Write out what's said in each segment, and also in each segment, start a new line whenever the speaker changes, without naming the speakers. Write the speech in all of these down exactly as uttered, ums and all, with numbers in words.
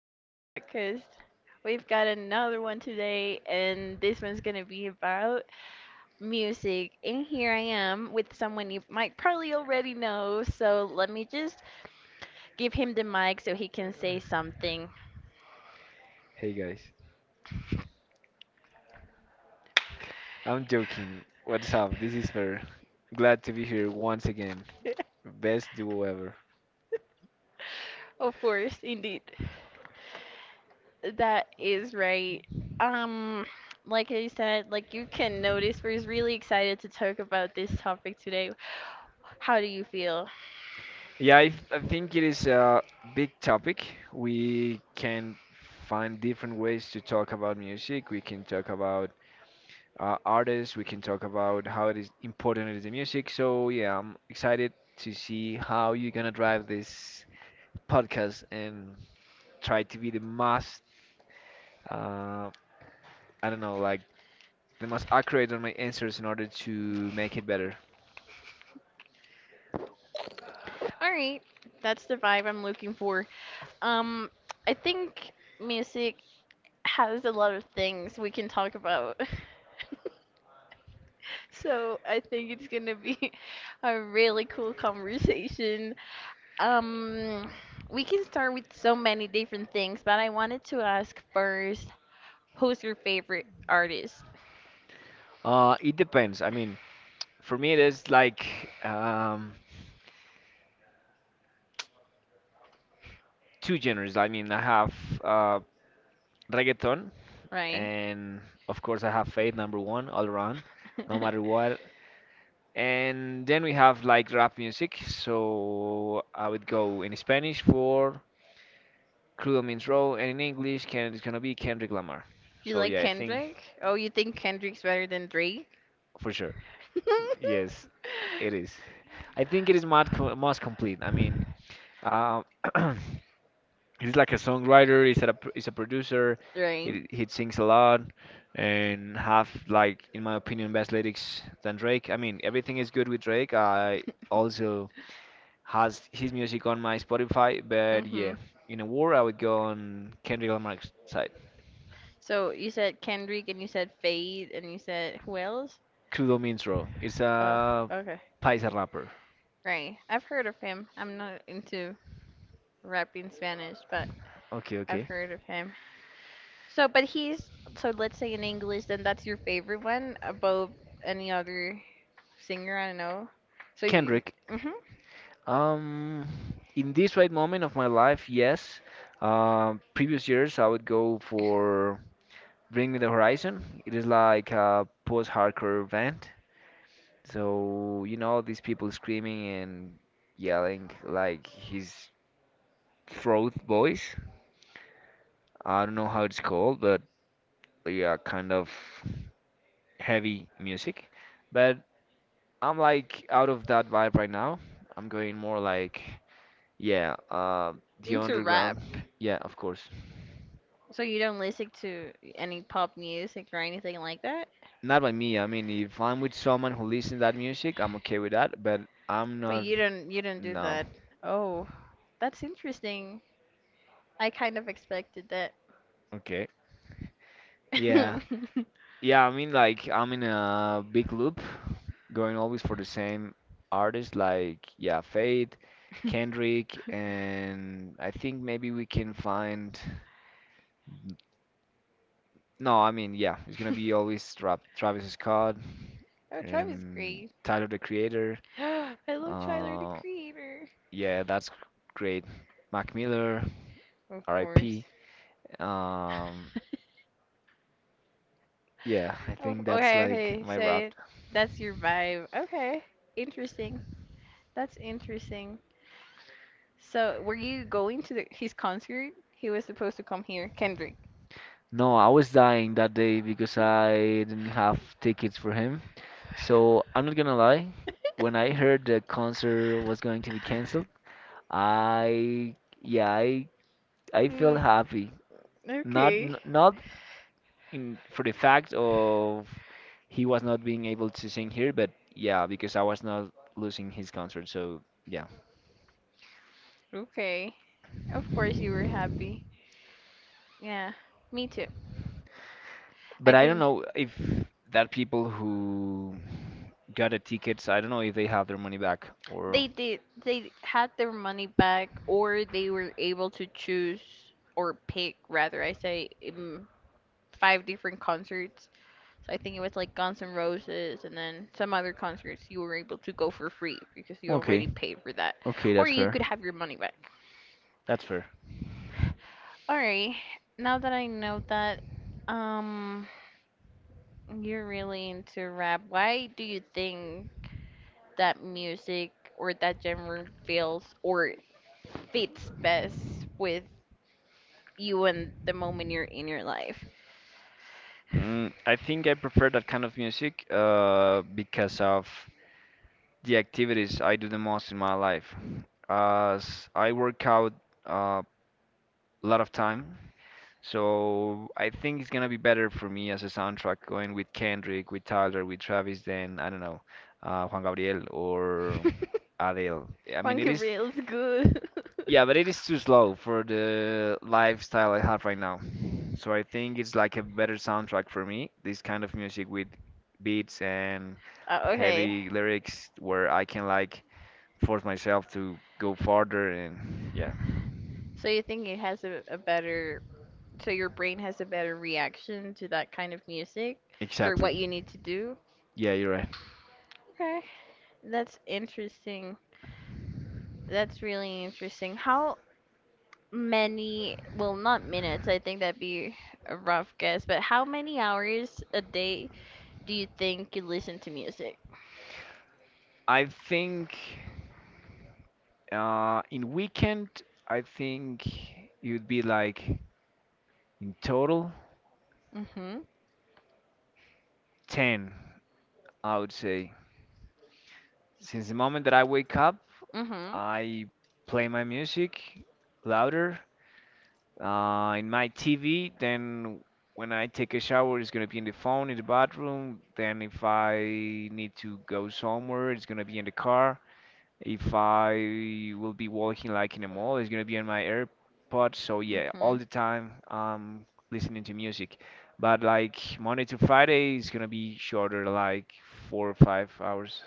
to our podcast. We've got another one today, and this one's going to be about music. And here I am with someone you might probably already know, so let me just give him the mic so he can say something.
Hey guys, I'm joking. What's up? This is Fer. Glad to be here once again. Best duo ever.
Of course, indeed. That is right. Um, like I said, like you can notice, we're really excited to talk about this topic today. How do you feel?
Yeah, I, f- I think it is a big topic. We can find different ways to talk about music. We can talk about uh, artists. We can talk about how it is important it is the music. So yeah, I'm excited to see how you're gonna drive this podcast and try to be the most uh, I don't know, like the most accurate on my answers in order to make it better?
All right, that's the vibe I'm looking for. Um, I think music has a lot of things we can talk about. So I think it's gonna be a really cool conversation. Um, we can start with so many different things, but I wanted to ask first, who's your favorite artist,
Uh, it depends. I mean, for me, it is like um, two genres. I mean, I have uh, reggaeton,
right?
and of course, I have faith number one all around, no matter what. And then we have like rap music. So I would go in Spanish for Cruel Means Raw, and in English, can it's gonna be Kendrick Lamar.
You
So
like
yeah, I think
Kendrick? Oh, you think Kendrick's better than Drake?
for sure. Yes, it is. I think it is most, co- most complete. I mean, uh, he's like a songwriter. He's a he's a producer.
Right.
He he sings a lot and have like in my opinion best lyrics than Drake. I mean, everything is good with Drake. I also has his music on my Spotify, but yeah,
Mhm.
in a war I would go on Kendrick Lamar's side.
So you said Kendrick and you said Fade and you said who else?
Kudo Mintro. It's
Oh,
a
okay.
paisa rapper.
Right. I've heard of him. I'm not into rap in Spanish, but
Okay,
I've
okay.
heard of him. So, but he's, so let's say in English, then that's your favorite one above any other singer, I don't know. So you,
Kendrick.
mhm,
Um, in this right moment of my life, yes. Um, previous years, I would go for Bring Me the Horizon. It is like a post-hardcore band, so you know these people screaming and yelling like his throat voice. I don't know how it's called, but yeah, kind of heavy music. But I'm like out of that vibe right now. I'm going more like yeah, uh, the
into
underground.
rap.
Yeah, of course.
So you don't listen to any pop music or anything like that?
Not by me. I mean, if I'm with someone who listens that music, I'm okay with that. But I'm
But
not.
you don't you don't do
No.
that. Oh, that's interesting. I kind of expected that.
Okay. Yeah. Yeah. I mean, like I'm in a big loop, going always for the same artists. Like yeah, Fate, Kendrick, and I think maybe we can find. No, I mean yeah, it's gonna be always Tra Travis Scott,
Oh, Travis
um,
great.
Tyler the Creator.
I love Tyler the
Uh,
Creator.
yeah, that's great. Mac Miller,
Of course.
R I P. Um, yeah, I
Oh,
think that's
okay,
like
okay.
my wrap.
So that's your vibe. Okay. Interesting. That's interesting. So, were you going to the, his concert? He was supposed to come here, Kendrick.
No, I was dying that day because I didn't have tickets for him. So I'm not gonna lie, when I heard the concert was going to be canceled, I yeah, I I feel
Mm,
happy. Not
okay.
n- not in for the fact of he was not being able to sing here, but yeah, because I was not losing his concert. So yeah.
Okay. Of course you were happy. Yeah, me too.
But
I
I don't
didn't.
know if that people who got the tickets, I don't know if they have their money back or.
They did. They had their money back, or they were able to choose, or pick, rather, I say, um, five different concerts. So I think it was like Guns N' Roses, and then some other concerts you were able to go for free because you
Okay,
already paid for that,
okay,
or
that's
you
fair.
could have your money back.
That's fair.
All right. Now that I know that, um, you're really into rap. Why do you think that music or that genre feels or fits best with you and the moment you're in your life.
Mm, I think I prefer that kind of music uh, because of the activities I do the most in my life. As I work out uh, a lot of time, so I think it's gonna be better for me as a soundtrack going with Kendrick, with Tyler, with Travis. Then I don't know, uh, Juan Gabriel or Adele. I mean,
Juan
it is,
Gabriel is good.
yeah, but it is too slow for the lifestyle I have right now. So I think it's like a better soundtrack for me, this kind of music with beats and
Uh, okay.
heavy lyrics where I can like force myself to go farther and yeah,
So you think it has a, a better, so your brain has a better reaction to that kind of music for
exactly.
what you need to do?
Yeah, you're right.
Okay. That's interesting. That's really interesting. How many, well, not minutes, I think that'd be a rough guess, but how many hours a day do you think you listen to music?
I think. Uh, in weekend, I think it would be like in total
Mm-hmm.
ten, I would say. Since the moment that I wake up,
Mm-hmm.
I play my music louder uh, in my T V. Then when I take a shower, it's gonna be in the phone in the bathroom. Then if I need to go somewhere, it's gonna be in the car. If I will be walking like in a mall, it's gonna be on my AirPods. So yeah, all
Mhm.
the time I'm listening to music. But like Monday to Friday is gonna be shorter, like four or five hours.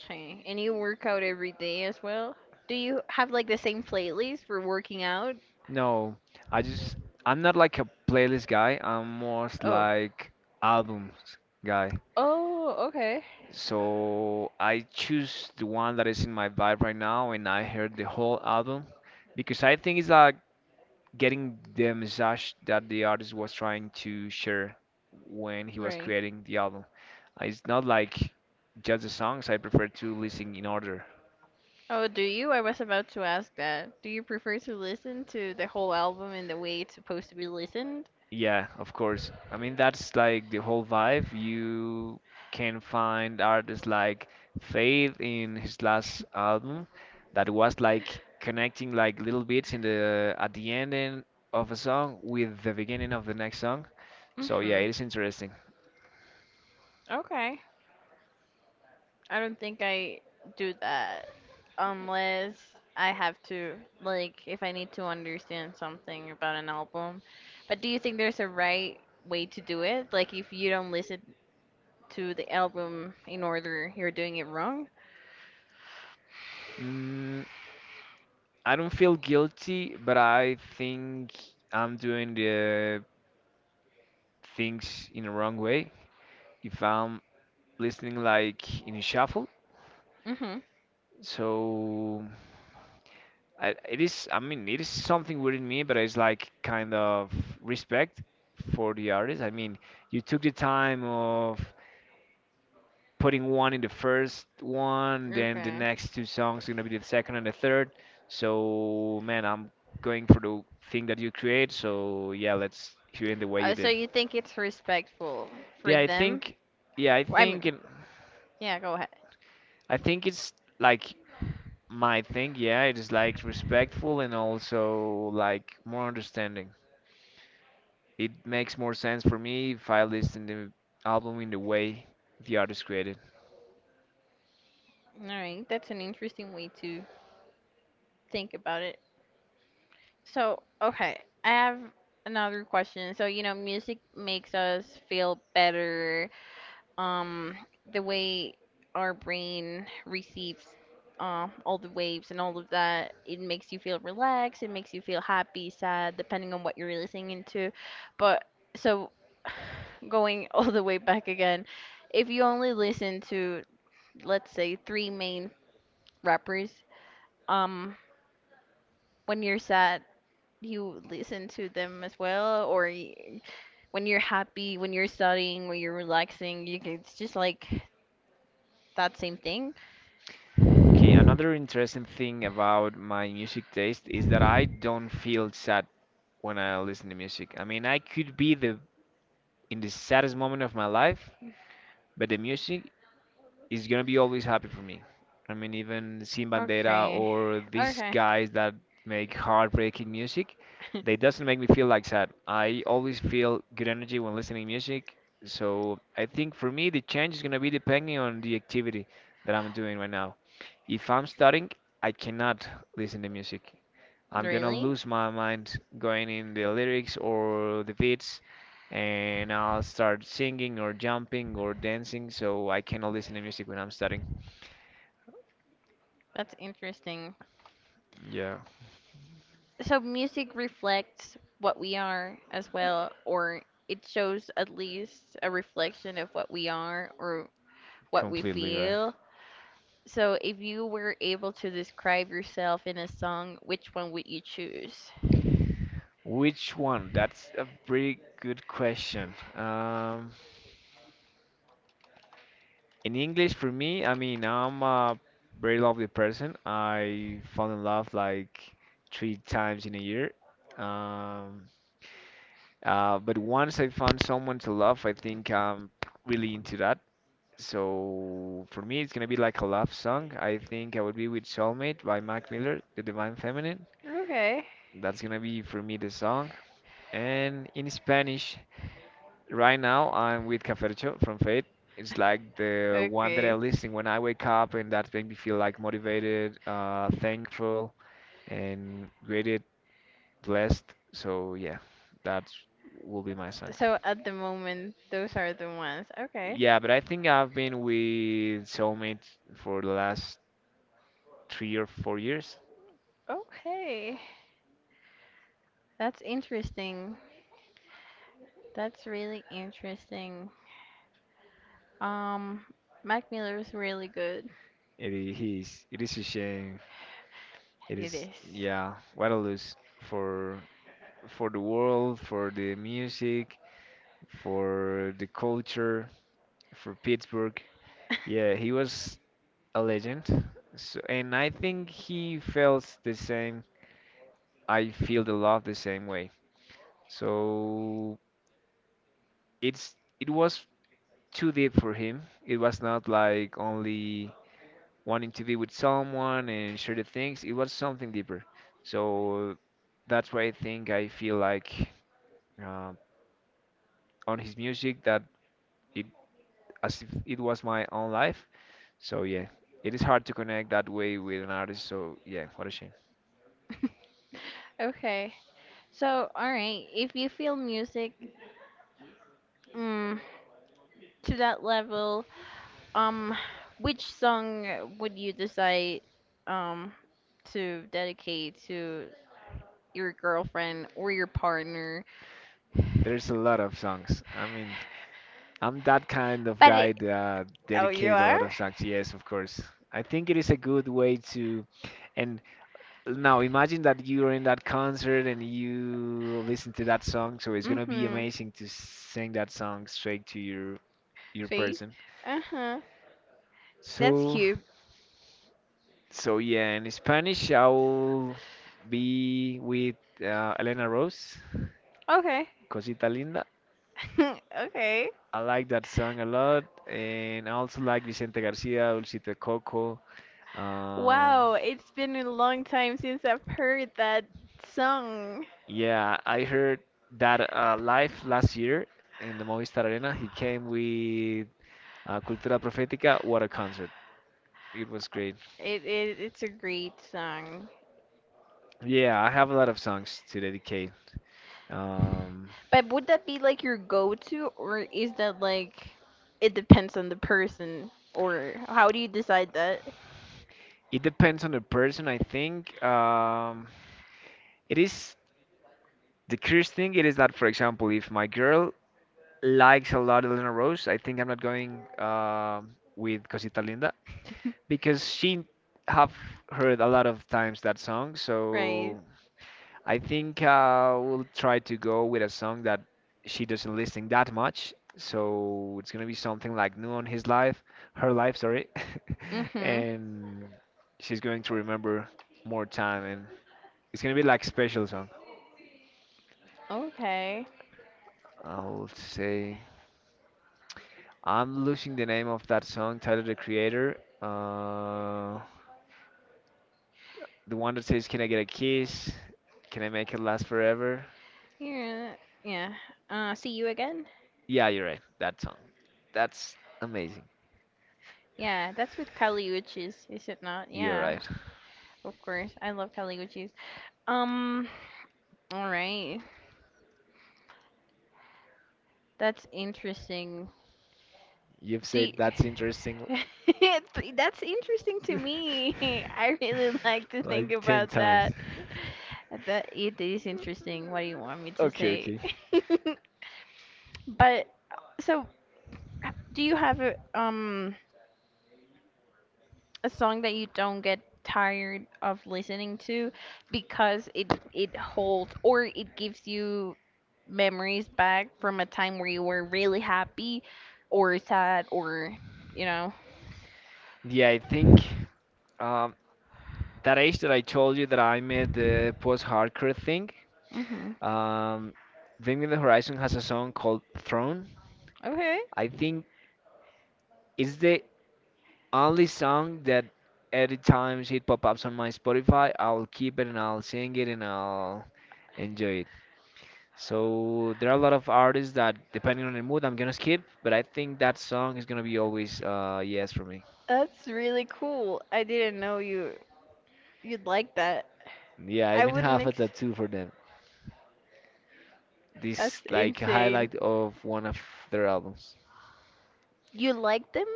Okay. And you work out every day as well? Do you have like the same playlist for working out?
No, I just I'm not like a playlist guy. I'm more
Oh.
like albums guy.
Oh, okay.
So I choose the one that is in my vibe right now, and I heard the whole album because I think it's like getting the message that the artist was trying to share when he was
Right.
creating the album. Uh, It's not like just the songs, I prefer to listen in order.
Oh, do you? I was about to ask that. Do you prefer to listen to the whole album in the way it's supposed to be listened?
Yeah, of course. I mean, that's like the whole vibe. You can find artists like Faith in his last album that was like connecting like little bits in the at the ending of a song with the beginning of the next song. So yeah, it
Mhm.
is interesting.
Okay. I don't think I do that unless I have to, like, if I need to understand something about an album. But do you think there's a right way to do it? Like, if you don't listen to the album in order, you're doing it wrong?
Mm, I don't feel guilty, but I think I'm doing the things in the wrong way if I'm listening like in a shuffle.
Mm-hmm.
So I, it is, I mean, it is something within me, but it's like kind of respect for the artist. I mean, you took the time of putting one in the first one, then the
Okay.
next two songs are gonna be the second and the third. So man, I'm going for the thing that you create. So yeah, let's hear in the way
Uh,
you
so
did.
you think it's respectful for
Yeah, I
them?
think yeah, I
Well, I mean,
think it,
yeah, go ahead.
I think it's like my thing. Yeah, it is like respectful and also like more understanding. It makes more sense for me if I listen the album in the way the artist created.
All right, that's an interesting way to think about it. So, okay, I have another question. So, you know, music makes us feel better. Um, the way our brain receives, uh, all the waves and all of that, it makes you feel relaxed, it makes you feel happy, sad, depending on what you're listening into. But so, going all the way back again, if you only listen to, let's say, three main rappers, um, when you're sad you listen to them as well, or y- when you're happy, when you're studying, when you're relaxing, you can, it's just like that same thing.
Okay, another interesting thing about my music taste is that I don't feel sad when I listen to music. I mean, I could be the in the saddest moment of my life, but the music is gonna be always happy for me. I mean, even Sin Bandera
Okay.
or these
Okay.
guys that make heartbreaking music, they doesn't make me feel like sad. I always feel good energy when listening music. So I think for me, the change is gonna be depending on the activity that I'm doing right now. If I'm studying, I cannot listen to music. I'm gonna
Really?
lose my mind going in the lyrics or the beats, and I'll start singing or jumping or dancing, so I cannot listen to music when I'm studying.
That's interesting.
Yeah,
So music reflects what we are as well, or it shows at least a reflection of what we are or what we
completely right.
feel. So, if you were able to describe yourself in a song, which one would you choose?
Which one? That's a pretty good question. Um, in English, for me, I mean, I'm a very lovely person. I fall in love like three times in a year. Um, Uh, but once I found someone to love, I think I'm really into that. So for me, it's gonna be like a love song. I think I would be with Soulmate by Mac Miller, The Divine Feminine.
Okay.
That's gonna be for me the song. And in Spanish, right now I'm with Cafercho from Fate. It's like the one that I
Okay.
listen when I wake up, and that makes me feel like motivated, uh, thankful, and great. Blessed. So yeah, that will be my songs.
So at the moment, those are the ones. Okay.
Yeah, but I think I've been with Soulmate for the last three or four years.
Okay. That's interesting. That's really interesting. Um, Mac Miller is really good.
It is, he is- it is a shame. It is,
It
yeah, what a
is.
lose for for the world, for the music, for the culture, for Pittsburgh. Yeah, he was a legend. So, and I think he feels the same. I feel the love the same way. So it's it was too deep for him. It was not like only wanting to be with someone and share the things. It was something deeper. So that's why I think I feel like uh, on his music that it as if it was my own life. So yeah, it is hard to connect that way with an artist. So yeah, what a shame.
Okay. So, all right. If you feel music, mm, to that level, um, which song would you decide um to dedicate to your girlfriend or your partner?
There's a lot of songs. I mean, I'm that kind of
But
guy
it,
that
oh, you
dedicate a
are?
lot of songs. Yes, of course. I think it is a good way to, and now imagine that you're in that concert and you listen to that song. So it's gonna be
Mm-hmm.
amazing to sing that song straight to your your
Face.
person.
Uh-huh. That's
So
cute.
so yeah, in Spanish I'll be with uh, Elena Rose,
Okay.
Cosita Linda.
Okay.
I like that song a lot, and I also like Vicente Garcia, Dulcito Coco. Um,
Wow, it's been a long time since I've heard that song.
Yeah, I heard that uh, live last year in the Movistar Arena, he came with uh, Cultura Profética. What a concert! It was great.
It, it it's a great song.
Yeah, I have a lot of songs to dedicate. Um,
But would that be like your go-to, or is that like it depends on the person, or how do you decide that?
it depends on the person, I think. Um, it is the curious thing. It is that, for example, if my girl likes a lot of Lena Rose, I think I'm not going um with Cosita Linda because she have heard a lot of times that song,
Right.
so. I think I will try to go with a song that she doesn't listen that much. So it's gonna be something like new on his life, her life, sorry.
Mm-hmm.
And she's going to remember more time and it's gonna be like special song.
Okay.
I'll say I'm losing the name of that song, Tyler the Creator. Uh, the one that says, "Can I get a kiss? Can I make it last forever?"
Yeah. Yeah. Uh, see you again?
Yeah, you're right. That song. That's amazing.
Yeah, that's with Kaliuchis, is it not?
You're
Yeah,
right.
of course. I love Kaliuchis. Um, all right. That's interesting.
You've said
Do
that's interesting
y- That's interesting to me. I really like to
like
think
ten
about
times.
that. That it is interesting. What do you want me to
Okay,
say?
okay.
But so, h- do you have a um a song that you don't get tired of listening to because it it holds or it gives you memories back from a time where you were really happy or sad or you know?
Yeah, I think um, that age that I told you that I made the post-hardcore thing,
Hmm.
um, Bring Me the Horizon has a song called Throne.
Okay.
I think it's the only song that every time it pop ups on my Spotify, I'll keep it and I'll sing it and I'll enjoy it. So there are a lot of artists that, depending on the mood, I'm gonna skip. But I think that song is gonna be always uh yes for me.
That's really cool. I didn't know you you'd like that.
Yeah, I
I
even
wouldn't
have a
ex
tattoo for them. This
That's
like
insane.
highlight of one of their albums.
You like them?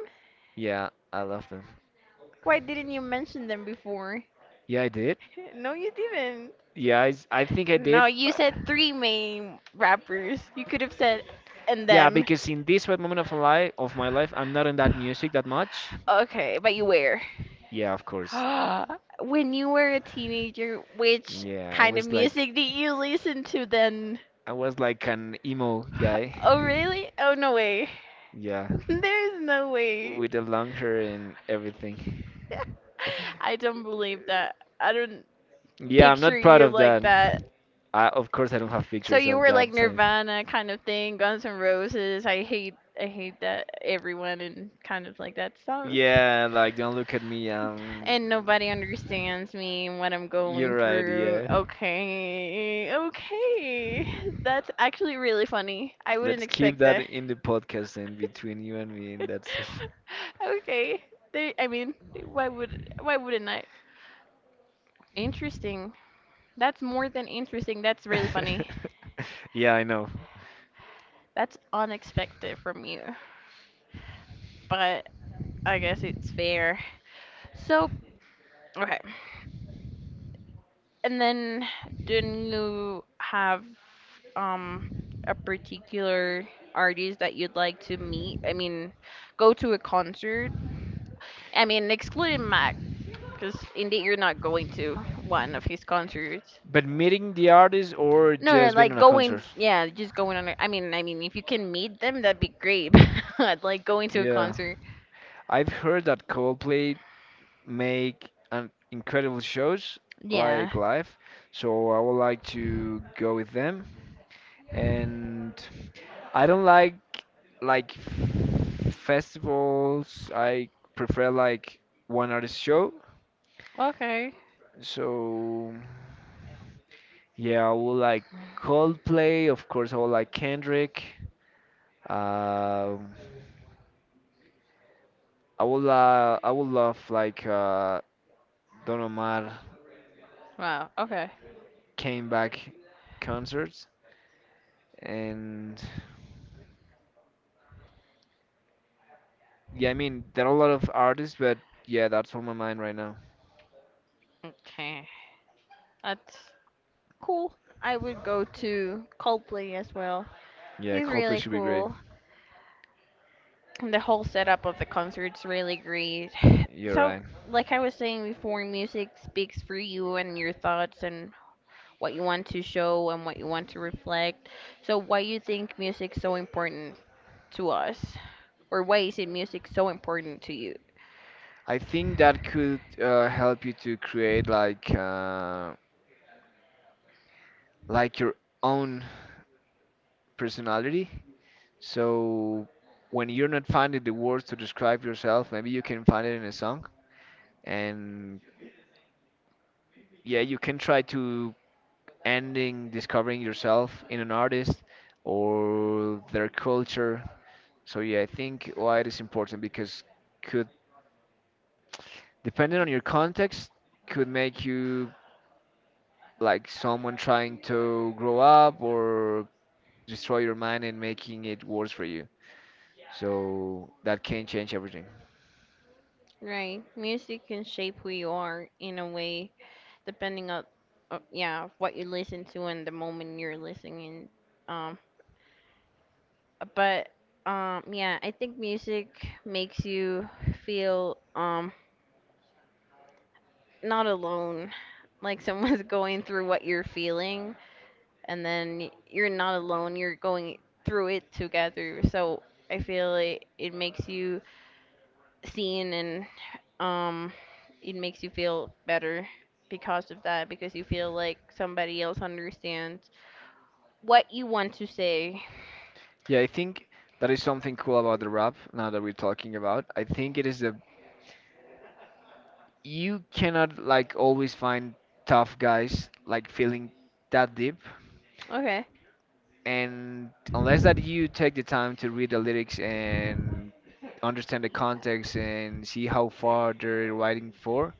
Yeah, I love them.
Why didn't you mention them before?
Yeah, I did.
No, you didn't.
Yeah, I, s- I think I did.
No, you
uh,
said three main rappers. You could have said and
Yeah,
them.
because in this right moment of life of my life, I'm not in that music that much.
Okay, but you were.
Yeah, of course.
When you were a teenager, which
Yeah, I
kind of
was like
music did you listen to then?
I was like an emo guy.
Oh, really? Oh, no way.
Yeah.
There's no way.
With the long hair and everything.
I don't believe that. I don't
Yeah, I'm
picture
not proud
you
of
like
that.
that.
I, of course, I don't have
So
pictures
you
of
were like
that time.
Nirvana kind of thing, Guns N' Roses. I hate I hate that everyone and kind of like that stuff.
Yeah, like don't look at me. Um,
And nobody understands me and what I'm going
you're right.
through.
Yeah,
Okay, okay. That's actually really funny. I wouldn't
let's keep
expect
that
that.
in the podcast and between you and me, and that's it.
Okay. They, I mean, why would why wouldn't I? Interesting. That's more than interesting. That's really funny.
Yeah, I know.
That's unexpected from you. But I guess it's fair. So, okay. And then, do you have um a particular artist that you'd like to meet? I mean, go to a concert. I mean, excluding Mac, because indeed you're not going to one of his concerts.
But meeting the artist or
No, no,
just being
like
on a
going,
concert?
yeah, just going on. a- I mean, I mean, if you can meet them, that'd be great. But like going to a
Yeah,
concert.
I've heard that Coldplay make an incredible shows
Yeah.
like live. So I would like to go with them. And I don't like like f- festivals. I prefer like one artist show.
Okay.
So yeah, I would like Coldplay. Of course, I would like Kendrick. Um, I would uh, I would love like uh, Don Omar
Wow. Okay.
came back concerts. And yeah, I mean, there are a lot of artists, but yeah, that's on my mind right now.
Okay. That's cool. I would go to Coldplay as well.
Yeah,
He's
Coldplay
really
should be great.
cool. The whole setup of the concert's really great.
You're
So,
right.
like I was saying before, music speaks for you and your thoughts and what you want to show and what you want to reflect. So, why you think music's so important to us? Or why is it music so important to you?
I think that could uh, help you to create like uh, like your own personality. So when you're not finding the words to describe yourself, maybe you can find it in a song. And yeah, you can try to ending discovering yourself in an artist or their culture. So yeah, I think why it is important because could depending on your context could make you like someone trying to grow up or destroy your mind and making it worse for you. So that can change everything.
Right. Music can shape who you are in a way, depending on, uh, yeah, what you listen to and the moment you're listening, um, but um yeah I think music makes you feel, um not alone, like someone's going through what you're feeling, and then you're not alone, you're going through it together, so I feel like it makes you seen, and um it makes you feel better because of that, because you feel like somebody else understands what you want to say.
Yeah, I think that is something cool about the rap now that we're talking about. I think it is the you cannot like always find tough guys like feeling that deep,
Okay.
and unless that you take the time to read the lyrics and understand the context and see how far they're writing for,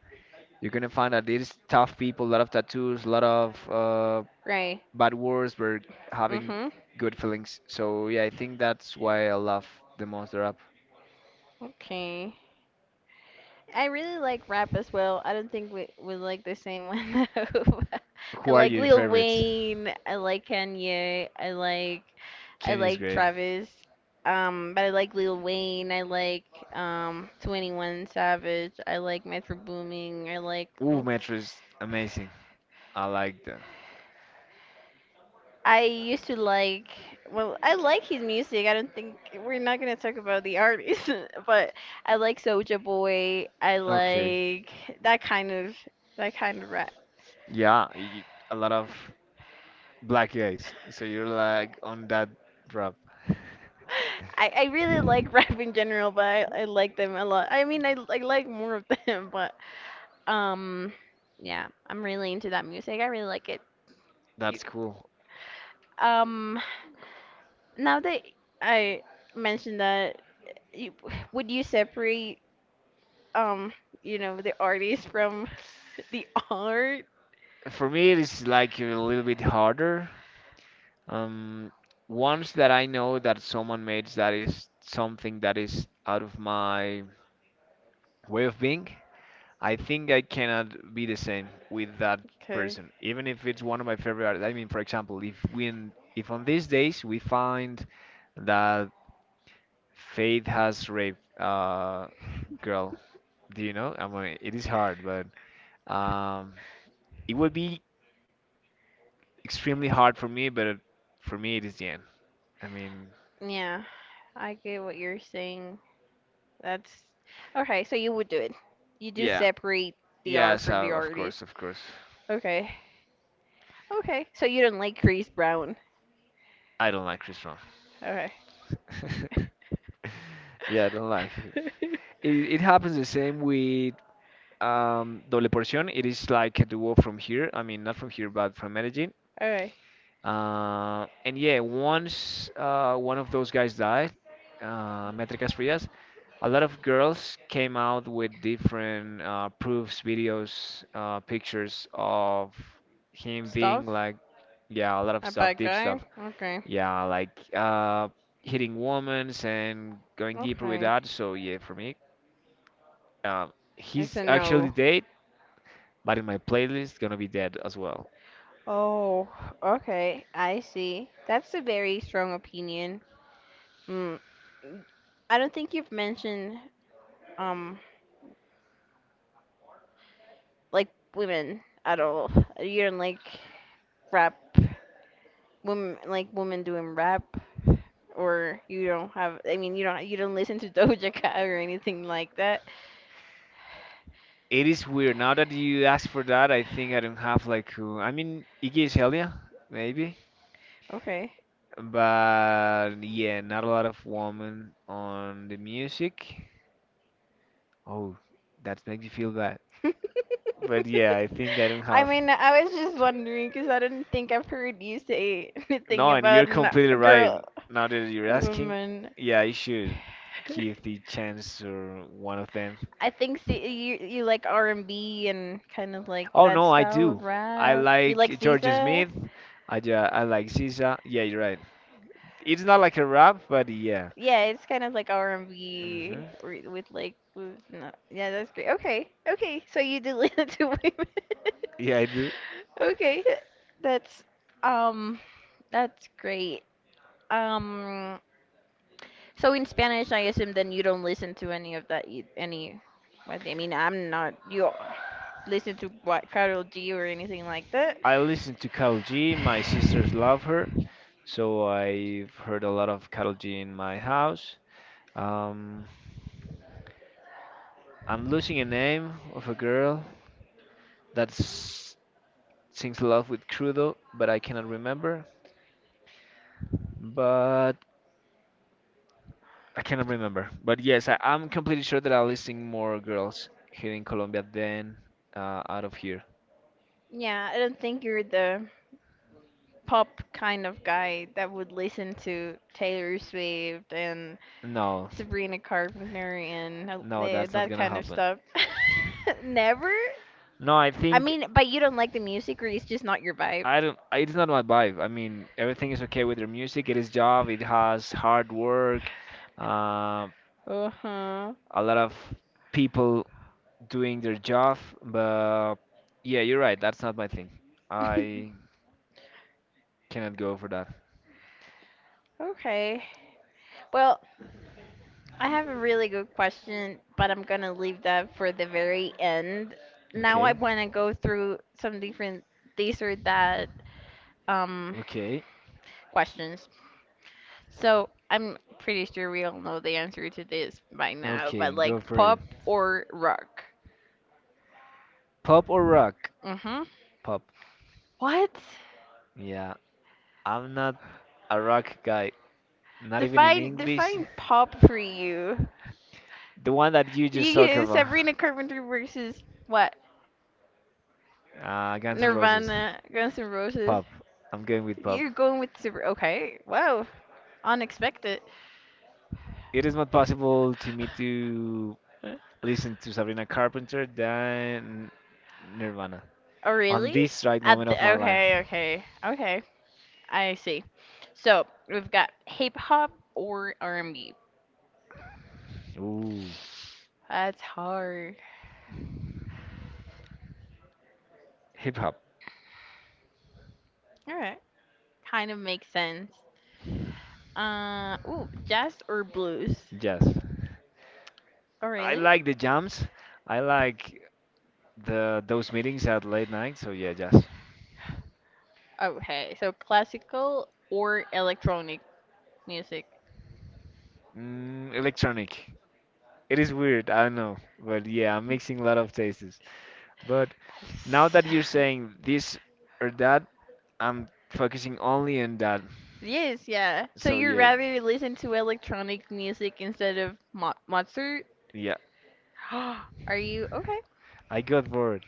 you're gonna find that these tough people, a lot of tattoos, a lot of uh,
Right.
bad words, were having
Mhm.
good feelings. So yeah, I think that's why I love the most the rap.
Okay. I really like rap as well. I don't think we we like the same one though. I
Who are
like
your
Lil
favorites?
Wayne. I like Kanye. I like I
Kenny is
like
great.
Travis. Um, but I like Lil Wayne. I like um twenty-one Savage. I like Metro Booming. I like
Ooh,
oh,
Metro is amazing. I like them.
I used to like, well, I like his music. I don't think we're not gonna talk about the artist, but I like Soulja Boy. I
Okay.
like that kind of that kind of rap.
Yeah, y- a lot of Black Eyes. So you're like on that drop.
I, I really like rap in general, but I, I like them a lot. I mean, I, I like more of them, but um, yeah, I'm really into that music. I really like it. You-
That's cool.
Um, Now that I mentioned that, you, would you separate, um you know the artist from the art?
For me, it's like a little bit harder. Um, Once that I know that someone makes that is something that is out of my way of being, I think I cannot be the same with that
Okay.
person, even if it's one of my favorite artists. I mean, for example, if we in, if on these days we find that Faith has raped a girl, do you know? I mean, it is hard, but Um, it would be extremely hard for me, but it- for me it is the end. I mean,
Yeah, I get what you're saying. That's okay. So you would do it. You do
yeah,
separate the
yeah.
art
So
from the
of
artist.
course, of course,
Okay. Okay. So you don't like Chris Brown.
I don't like Chris Brown.
Okay.
Yeah, I don't like him. It it happens the same with um Doble Porción. It is like a duo from here. I mean, not from here, but from Medellin.
Okay.
Uh, and yeah, once uh one of those guys died, uh, Métricas Frías, a lot of girls came out with different uh, proofs, videos, uh, pictures of him being
Stuff.
like, yeah, a lot of
A
stuff,
bad
deep
guy?
stuff.
Okay.
Yeah, like uh, hitting women and going deeper with
Okay.
that. So yeah, for me, uh,
It's
he's
a
actually
no.
dead, but in my playlist, gonna be dead as well.
Oh, okay. I see. That's a very strong opinion. Mm. I don't think you've mentioned um like women at all. You don't like rap women like women doing rap, or you don't have I mean, you don't you don't listen to Doja Cat or anything like that.
It is weird. Now that you ask for that, I think I don't have like who. I mean, Iggy Azalea, maybe.
Okay.
But yeah, not a lot of women on the music. Oh, that makes me feel bad. But yeah, I think I don't
I
have.
mean, I was just wondering because I don't think I've heard you say
No,
anything
and you're
about an,
completely
a
right.
girl,
Now that you're
a
asking,
woman.
yeah, I should give the chance or one of them.
I think see, you you like R and B and kind of like
Oh
that
no, I
style
do.
of
I
rap. You like
like George
SZA?
Smith. I ja I like S Z A. Yeah, you're right. It's not like a rap, but yeah.
Yeah, it's kind of like R&B
Hmm.
re- with like with no. Yeah, that's great. Okay. Okay. So you did listen to women.
Yeah, I do.
Okay. That's um that's great. Um so in Spanish I assume then you don't listen to any of that eith- any what I mean I'm not you listen to what, Karol G or anything like that.
I listen to Karol G. My sisters love her. So I've heard a lot of Karol G in my house. Um, I'm losing a name of a girl that s- sings love with Crudo, but I cannot remember. But I cannot remember. But yes, I, I'm completely sure that I'm listing more girls here in Colombia than uh, out of here.
Yeah, I don't think you're the pop kind of guy that would listen to Taylor Swift and
No,
Sabrina Carpenter and uh,
no,
eh,
that's not
that
gonna
kind of
happen.
stuff. Never?
No, I
I
think
mean, but you don't like the music or it's just not your vibe.
I don't. I- It's not my vibe. I mean, everything is okay with their music. It is job. It has hard work. Uh,
Uh-huh.
a lot of people doing their job, but yeah, you're right. That's not my thing. I cannot go for that.
Okay. Well, I have a really good question, but I'm gonna leave that for the very end. Now I
Okay.
wanna go through some different these or that um
Okay.
questions. So I'm pretty sure we all know the answer to this by now,
Okay,
but
go
like
for it.
pop or rock?
Pop or rock?
Mm-hmm.
Pop.
What?
Yeah, I'm not a rock guy. Not even in
Define
English.
define pop for you.
The one that you just talked
You
about.
Sabrina Carpenter versus what?
Uh, Guns N' Roses.
Nirvana, Guns N' Roses.
Pop. I'm going with pop.
You're going with super. Okay. Wow. Unexpected.
It is not possible to me to
Huh?
listen to Sabrina Carpenter than Nirvana.
Oh
On
really?
this right
At
moment of my
the,
life.
okay, okay, okay. I see. So we've got hip hop or R and B.
Ooh,
That's hard.
hip hop,
All right, kind of makes sense. Uh, ooh, jazz or blues?
jazz.
Oh,
I
really?
like the jams. I like the those meetings at late night. So yeah, jazz.
Okay, so classical or electronic music.
Mm, electronic. It is weird, I know, but yeah, I'm mixing a lot of tastes. But now that you're saying this or that, I'm focusing only on that.
Yes, yeah. So
So
you
yeah,
rather listen to electronic music instead of mo Mozart?
yeah,
Are you okay?
I got bored.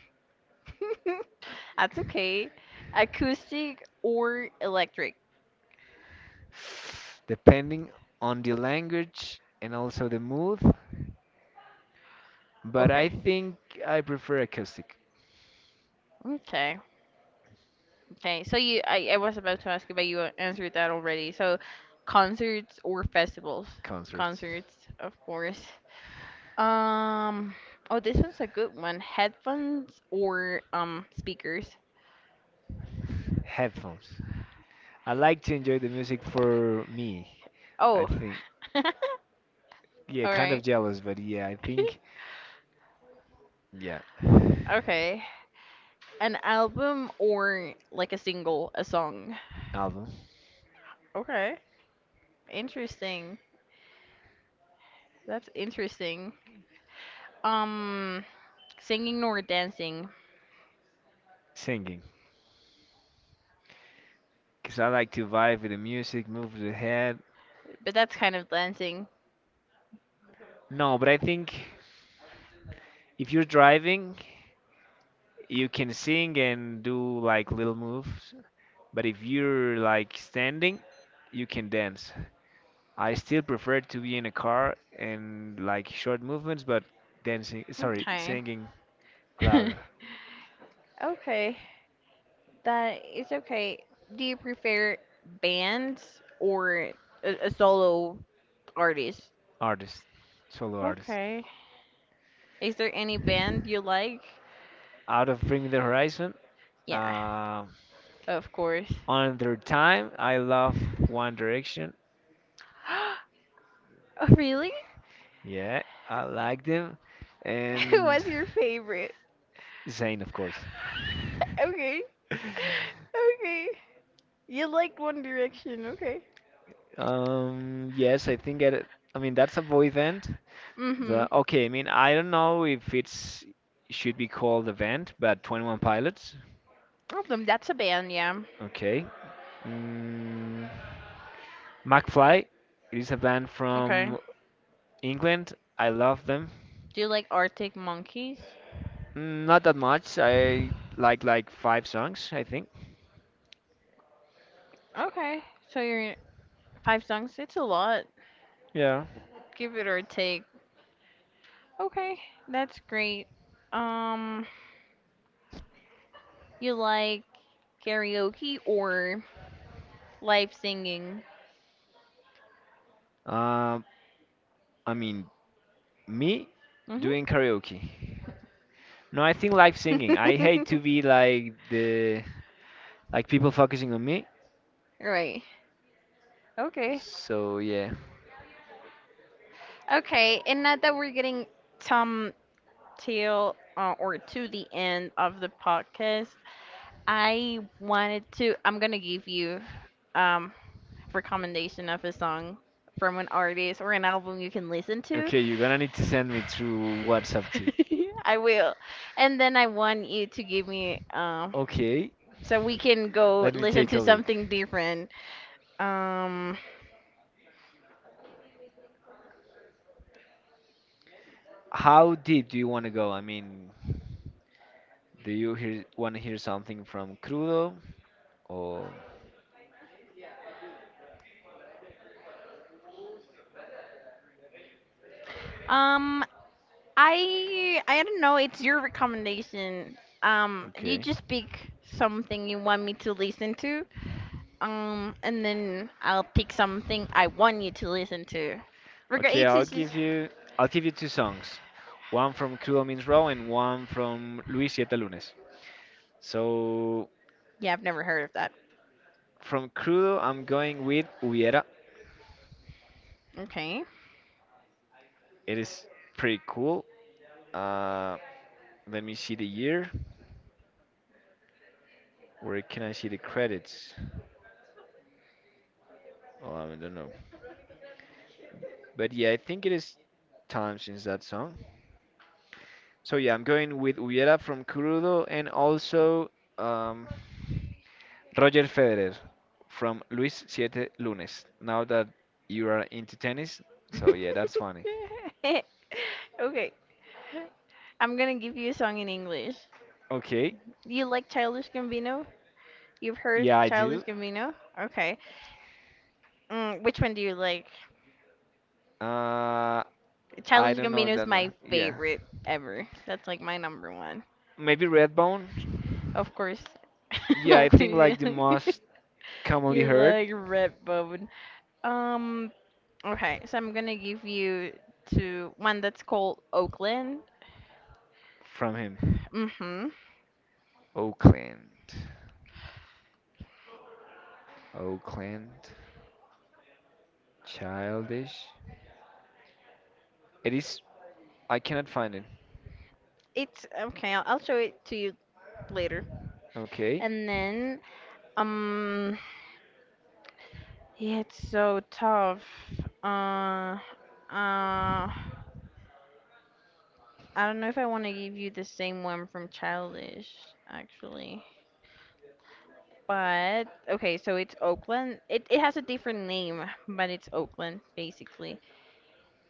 That's okay. Acoustic or electric?
Depending on the language and also the mood, but I
Okay.
think I prefer acoustic
Okay. Okay. So you, I, I was about to ask you, but you answered that already. So concerts or festivals?
concerts,
Concerts, of course. Um, oh, this one's a good one. Headphones or um speakers?
headphones. I like to enjoy the music for me. I
Oh.
think, yeah,
All
kind of
right.
jealous, but yeah, I think, yeah,
Okay. An album or like a single, a song.
album
Okay. Interesting. That's interesting. Um, singing or dancing?
singing because I like to vibe with the music, move the head.
But that's kind of dancing.
No, but I think if you're driving, you can sing and do like little moves, but if you're like standing, you can dance. I still prefer to be in a car and like short movements, but dancing, sorry,
Okay.
singing louder.
Okay. That is okay. Do you prefer bands or a, a solo artist?
Artist, solo artist.
Okay. Is there any band you like?
Out of Bring Me the Horizon,
Yeah,
uh,
of course.
on their time, I loved One Direction.
Oh, really?
Yeah, I like them. And
What's your favorite?
Zayn, of course.
Okay. Okay. You like One Direction, okay.
Um, yes, I think it, I mean, that's a boy band.
Mm-hmm.
But okay, I mean, I don't know if it's should be called the event, but twenty one Pilots.
Them, that's a band, yeah.
Okay. Mm, McFly. It is a band
Okay.
from England. I love them.
Do you like Arctic Monkeys?
Mm, not that much. I like like five songs, I think.
Okay. So you're five songs, it's a lot.
Yeah.
Give it or take. Okay, that's great. Um, you like karaoke or live singing?
Um, I mean, me
Mm-hmm.
doing karaoke. No, I think live singing. I hate to be like the like people focusing on me.
Right. Okay.
So yeah.
Okay. And now that we're getting some till uh, or to the end of the podcast, I wanted to. I'm gonna give you um recommendation of a song from an artist or an album you can listen to.
Okay, you're gonna need to send me through WhatsApp too.
I will. And then I want you to give me um
Okay,
so we can go
let me
listen
take a
to
look.
something different. Um
How deep do you want to go? I mean, do you hear, want to hear something from Crudo or
um I I don't know, it's your recommendation. Um, you
okay?
just pick something you want me to listen to. Um, and then I'll pick something I want you to listen to. Rega-
Okay,
It's
I'll
it's just
give you I'll give you two songs. One from Crudo Means Raw and one from Luis Siete Lunes. So
yeah, I've never heard of that.
from Crudo, I'm going with Hubiera.
Okay.
It is pretty cool. Uh, Let me see the year. Where can I see the credits? Oh, I don't know. But yeah, I think it is time since that song. So yeah, I'm going with Hubiera from Crudo and also um, Roger Federer from Luis Siete Lunes. Now that you are into tennis, so yeah, that's funny.
Okay. I'm gonna give you a song in English.
Okay,
You like Childish Gambino? You've heard
yeah, I do.
Childish Gambino? Okay. Mm, which one do you like?
Uh, I
Childish
don't know
Gambino is
that one.
my
Yeah,
favorite ever. That's like my number one.
maybe Redbone.
Of course.
Yeah, I
of course.
think
You
like the
like
most commonly
you
heard
like Redbone. Um. Okay. So I'm gonna give you to one that's called Oakland.
from him.
Mhm.
Oakland, Oakland, Childish. It is I cannot find it.
It's okay. I'll, I'll show it to you later.
Okay.
And then um. Yeah, it's so tough. Uh, uh, I don't know if I want to give you the same one from Childish, actually. But okay, so it's Oakland. It it has a different name, but it's Oakland basically.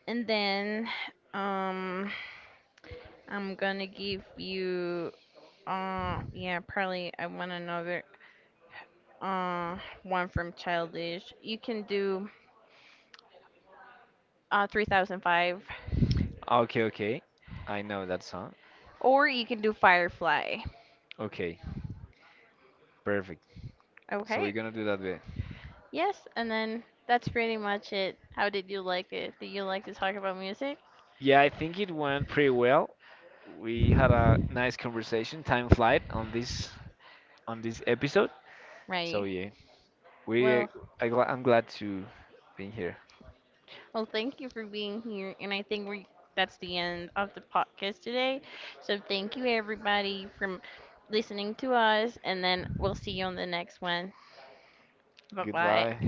And then um I'm gonna give you uh yeah, probably I want another uh one from Childish. You can do uh 3005
Ah, okay, okay. I know that song.
or you can do Firefly.
Okay, perfect. So we're
Okay.
gonna do that bit.
Yes, and then that's pretty much it. How did you like it? Do you like to talk about music?
Yeah, I think it went pretty well. We had a nice conversation, time flight on this on this episode. So
Right.
yeah,
Well,
we I, gl- I'm glad to be here.
well, thank you for being here, and I think we that's the end of the podcast today. So thank you everybody from listening to us, and then we'll see you on the next one. Bye bye.
Goodbye.